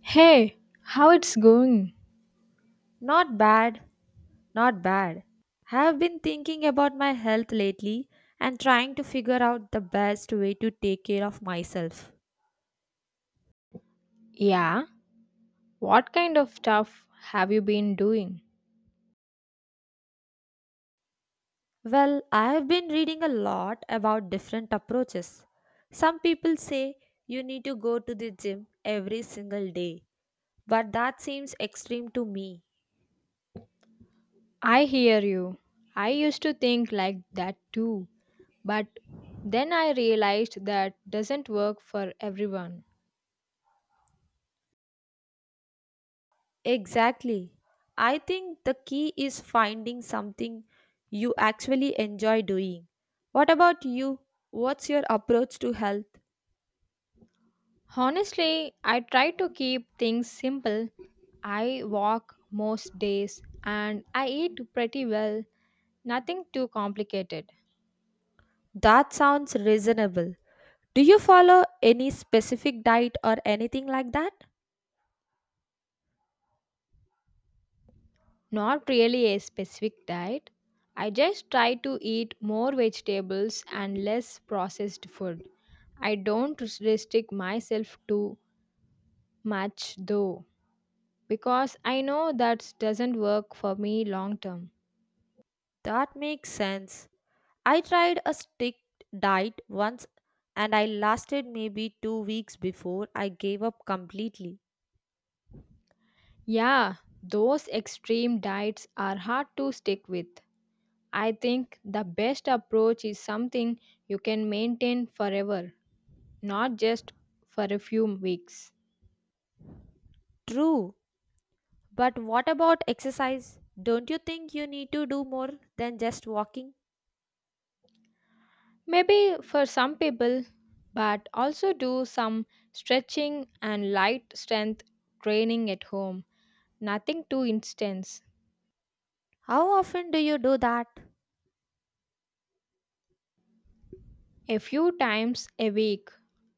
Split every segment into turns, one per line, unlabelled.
Hey, how it's going?
Not bad, not bad. Have been thinking about my health lately and trying to figure out the best way to take care of myself.
Yeah, what kind of stuff have you been doing?
Well, I have been reading a lot about different approaches. Some people say you need to go to the gym every single day, but that seems extreme to me.
I hear you. I used to think like that too, but then I realized that doesn't work for everyone.
Exactly. I think the key is finding something you actually enjoy doing. What about you? What's your approach to health?
Honestly, I try to keep things simple. I walk most days and I eat pretty well, nothing too complicated.
That sounds reasonable. Do you follow any specific diet or anything like that?
Not really a specific diet. I just try to eat more vegetables and less processed food. I don't restrict myself too much though, because I know that doesn't work for me long term.
That makes sense. I tried a strict diet once and I lasted maybe 2 weeks before I gave up completely.
Yeah, those extreme diets are hard to stick with. I think the best approach is something you can maintain forever, not just for a few weeks.
True, but what about exercise? Don't you think you need to do more than just walking?
Maybe for some people, but also do some stretching and light strength training at home. Nothing too intense.
How often do you do that?
A few times a week.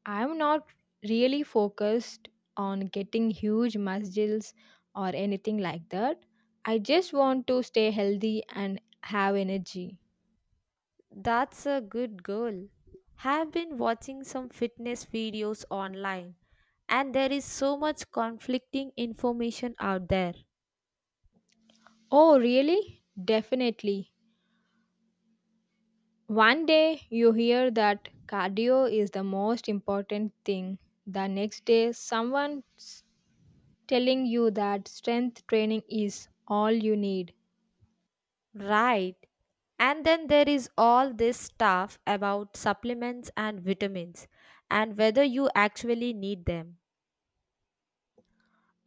I'm not really focused on getting huge muscles or anything like that. I just want to stay healthy and have energy.
That's a good goal. Have been watching some fitness videos online and there is so much conflicting information out there.
Oh, really? Definitely. One day you hear that cardio is the most important thing. The next day, someone's telling you that strength training is all you need.
Right. And then there is all this stuff about supplements and vitamins and whether you actually need them.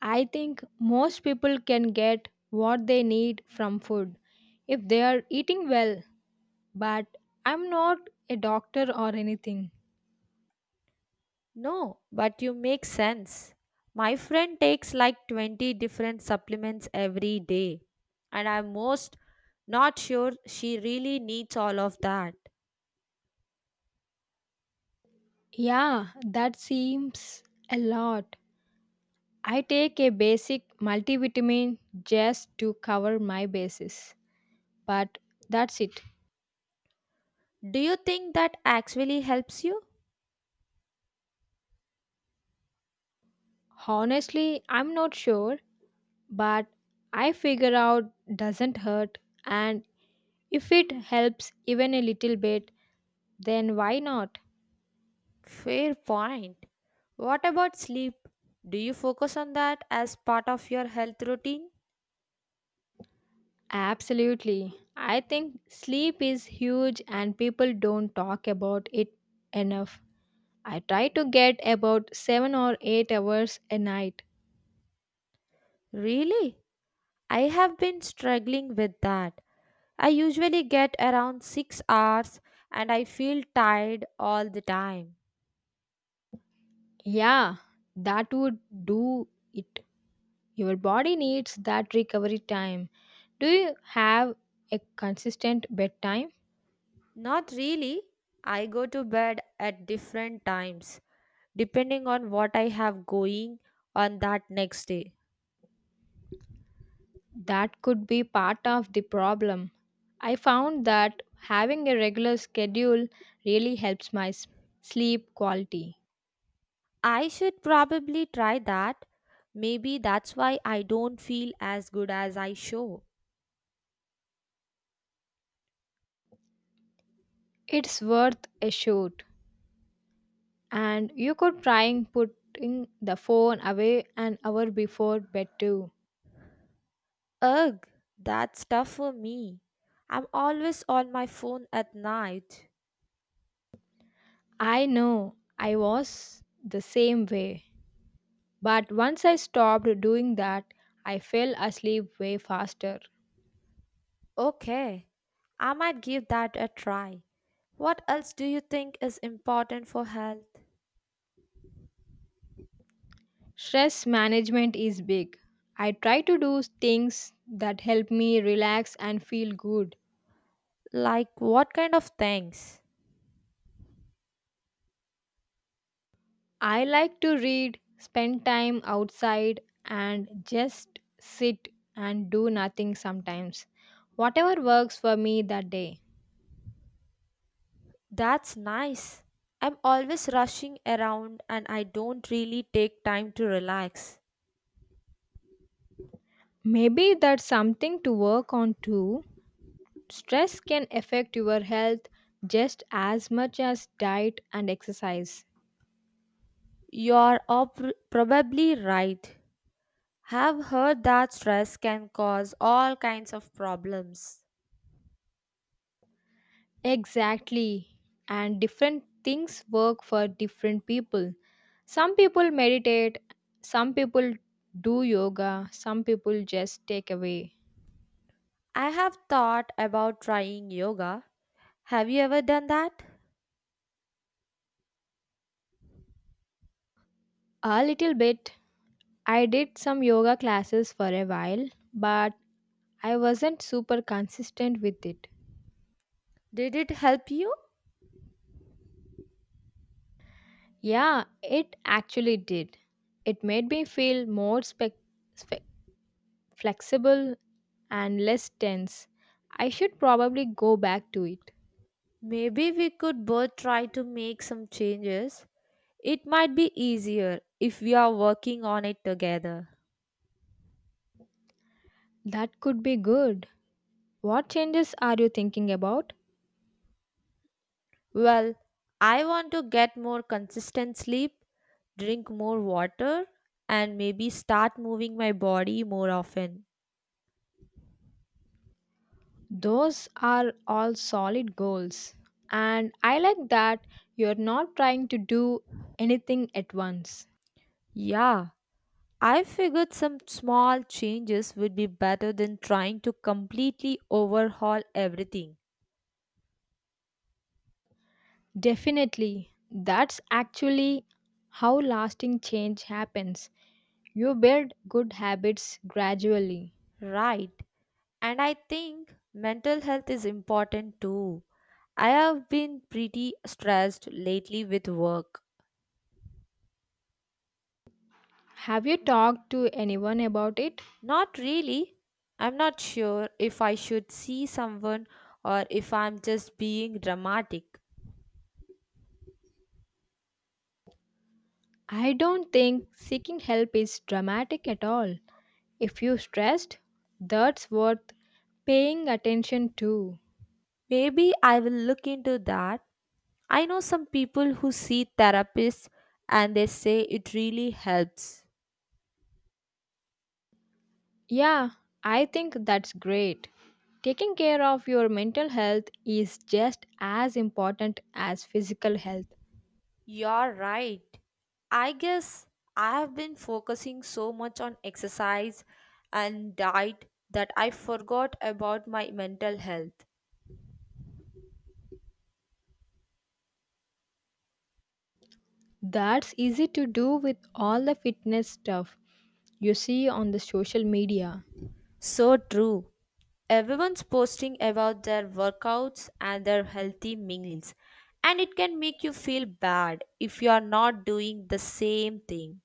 I think most people can get what they need from food if they are eating well, but I'm not a doctor or anything.
No, but you make sense. My friend takes like 20 different supplements every day, and I'm most not sure she really needs all of that.
Yeah, that seems a lot. I take a basic multivitamin just to cover my bases, but that's it.
Do you think that actually helps you?
Honestly, I'm not sure, but I figure out doesn't hurt, and if it helps even a little bit, then why not?
Fair point. What about sleep? Do you focus on that as part of your health routine?
Absolutely. I think sleep is huge and people don't talk about it enough. I try to get about 7 or 8 hours a night.
Really? I have been struggling with that. I usually get around 6 hours and I feel tired all the time.
Yeah, that would do it. Your body needs that recovery time. Do you have a consistent bedtime?
Not really. I go to bed at different times depending on what I have going on that next day.
That could be part of the problem. I found that having a regular schedule really helps sleep quality.
I should probably try that. Maybe that's why I don't feel as good as I show.
It's worth a shoot. And you could try and putting the phone away an hour before bed too.
Ugh, that's tough for me. I'm always on my phone at night.
I know I was the same way. But once I stopped doing that, I fell asleep way faster.
Okay, I might give that a try. What else do you think is important for health?
Stress management is big. I try to do things that help me relax and feel good.
Like what kind of things?
I like to read, spend time outside, and just sit and do nothing sometimes. Whatever works for me that day.
That's nice. I'm always rushing around and I don't really take time to relax.
Maybe that's something to work on too. Stress can affect your health just as much as diet and exercise.
Probably right. Have heard that stress can cause all kinds of problems.
Exactly. And different things work for different people. Some people meditate, some people do yoga, some people just take away.
I have thought about trying yoga. Have you ever done that?
A little bit. I did some yoga classes for a while, but I wasn't super consistent with it.
Did it help you?
Yeah, it actually did. It made me feel more spe- flexible and less tense. I should probably go back to it.
Maybe we could both try to make some changes. It might be easier if we are working on it together.
That could be good. What changes are you thinking about?
Well, I want to get more consistent sleep, drink more water, and maybe start moving my body more often.
Those are all solid goals. And I like that you're not trying to do anything at once.
Yeah, I figured some small changes would be better than trying to completely overhaul everything.
Definitely. That's actually how lasting change happens. You build good habits gradually.
Right. And I think mental health is important too. I have been pretty stressed lately with work.
Have you talked to anyone about it?
Not really. I'm not sure if I should see someone or if I'm just being dramatic.
I don't think seeking help is dramatic at all. If you're stressed, that's worth paying attention to.
Maybe I will look into that. I know some people who see therapists and they say it really helps.
Yeah, I think that's great. Taking care of your mental health is just as important as physical health.
You're right. I guess I have been focusing so much on exercise and diet that I forgot about my mental health.
That's easy to do with all the fitness stuff you see on the social media.
So true. Everyone's posting about their workouts and their healthy meals, and it can make you feel bad if you are not doing the same thing.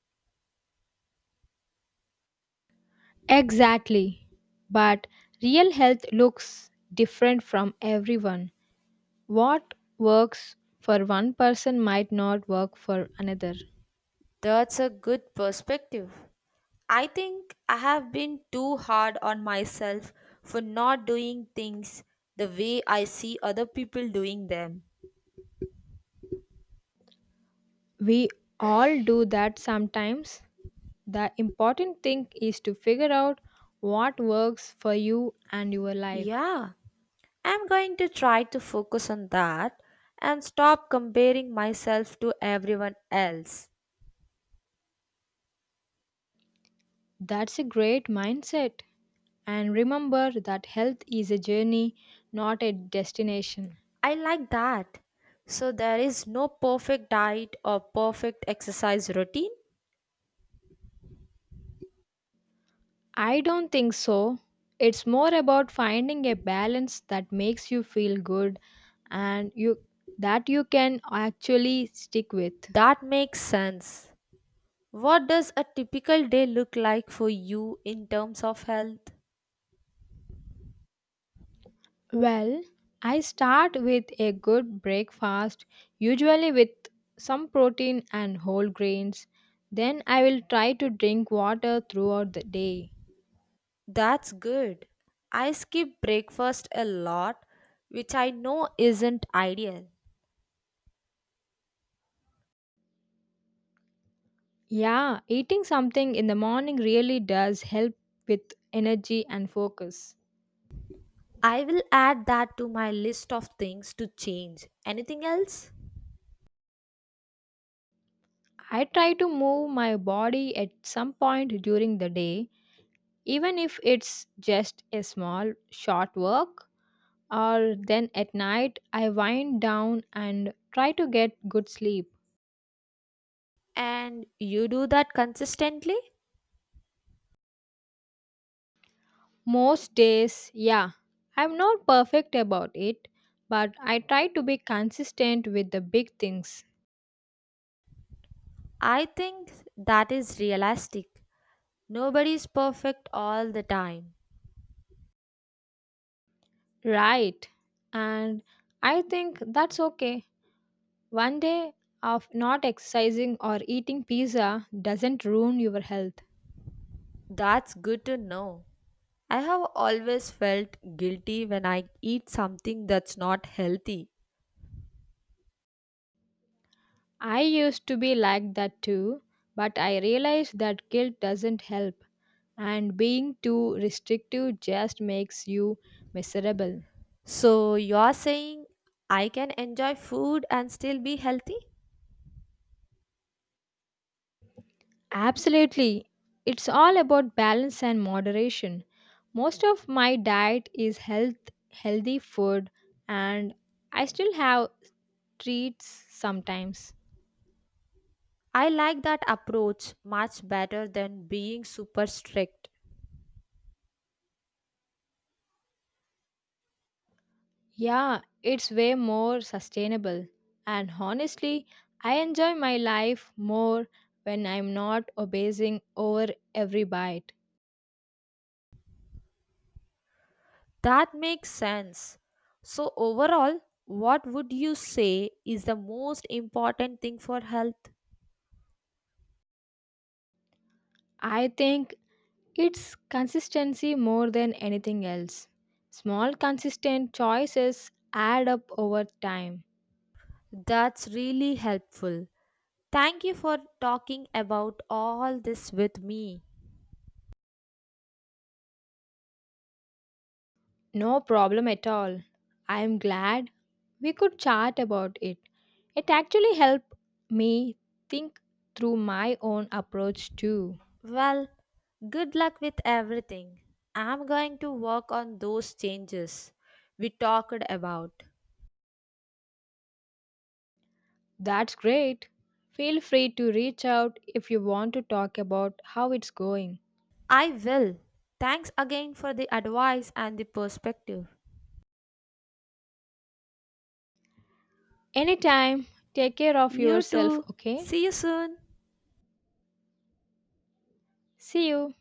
Exactly. But real health looks different from everyone. What works for one person might not work for another.
That's a good perspective. I think I have been too hard on myself for not doing things the way I see other people doing them.
We all do that sometimes. The important thing is to figure out what works for you and your life.
Yeah, I'm going to try to focus on that and stop comparing myself to everyone else.
That's a great mindset. And remember that health is a journey, not a destination.
I like that. So there is no perfect diet or perfect exercise routine?
I don't think so. It's more about finding a balance that makes you feel good and you that you can actually stick with.
That makes sense. What does a typical day look like for you in terms of health?
Well, I start with a good breakfast, usually with some protein and whole grains. Then I will try to drink water throughout the day.
That's good. I skip breakfast a lot, which I know isn't ideal.
Yeah, eating something in the morning really does help with energy and focus.
I will add that to my list of things to change. Anything else?
I try to move my body at some point during the day, even if it's just a small, short walk. Or then at night, I wind down and try to get good sleep.
And you do that consistently?
Most days, yeah. I'm not perfect about it, but I try to be consistent with the big things.
I think that is realistic. Nobody's perfect all the time.
Right. And I think that's okay. One day of not exercising or eating pizza doesn't ruin your health.
That's good to know. I have always felt guilty when I eat something that's not healthy.
I used to be like that too, but I realized that guilt doesn't help, and being too restrictive just makes you miserable.
So you're saying I can enjoy food and still be healthy?
Absolutely. It's all about balance and moderation. Most of my diet is healthy food and I still have treats sometimes.
I like that approach much better than being super strict.
Yeah, it's way more sustainable. And honestly, I enjoy my life more when I'm not obsessing over every bite.
That makes sense. So overall, what would you say is the most important thing for health?
I think it's consistency more than anything else. Small consistent choices add up over time.
That's really helpful. Thank you for talking about all this with me.
No problem at all. I am glad we could chat about it. It actually helped me think through my own approach too.
Well, good luck with everything. I'm going to work on those changes we talked about.
That's great. Feel free to reach out if you want to talk about how it's going.
I will. Thanks again for the advice and the perspective.
Anytime, take care of
You
yourself,
too.
okay?
See you soon.
See you.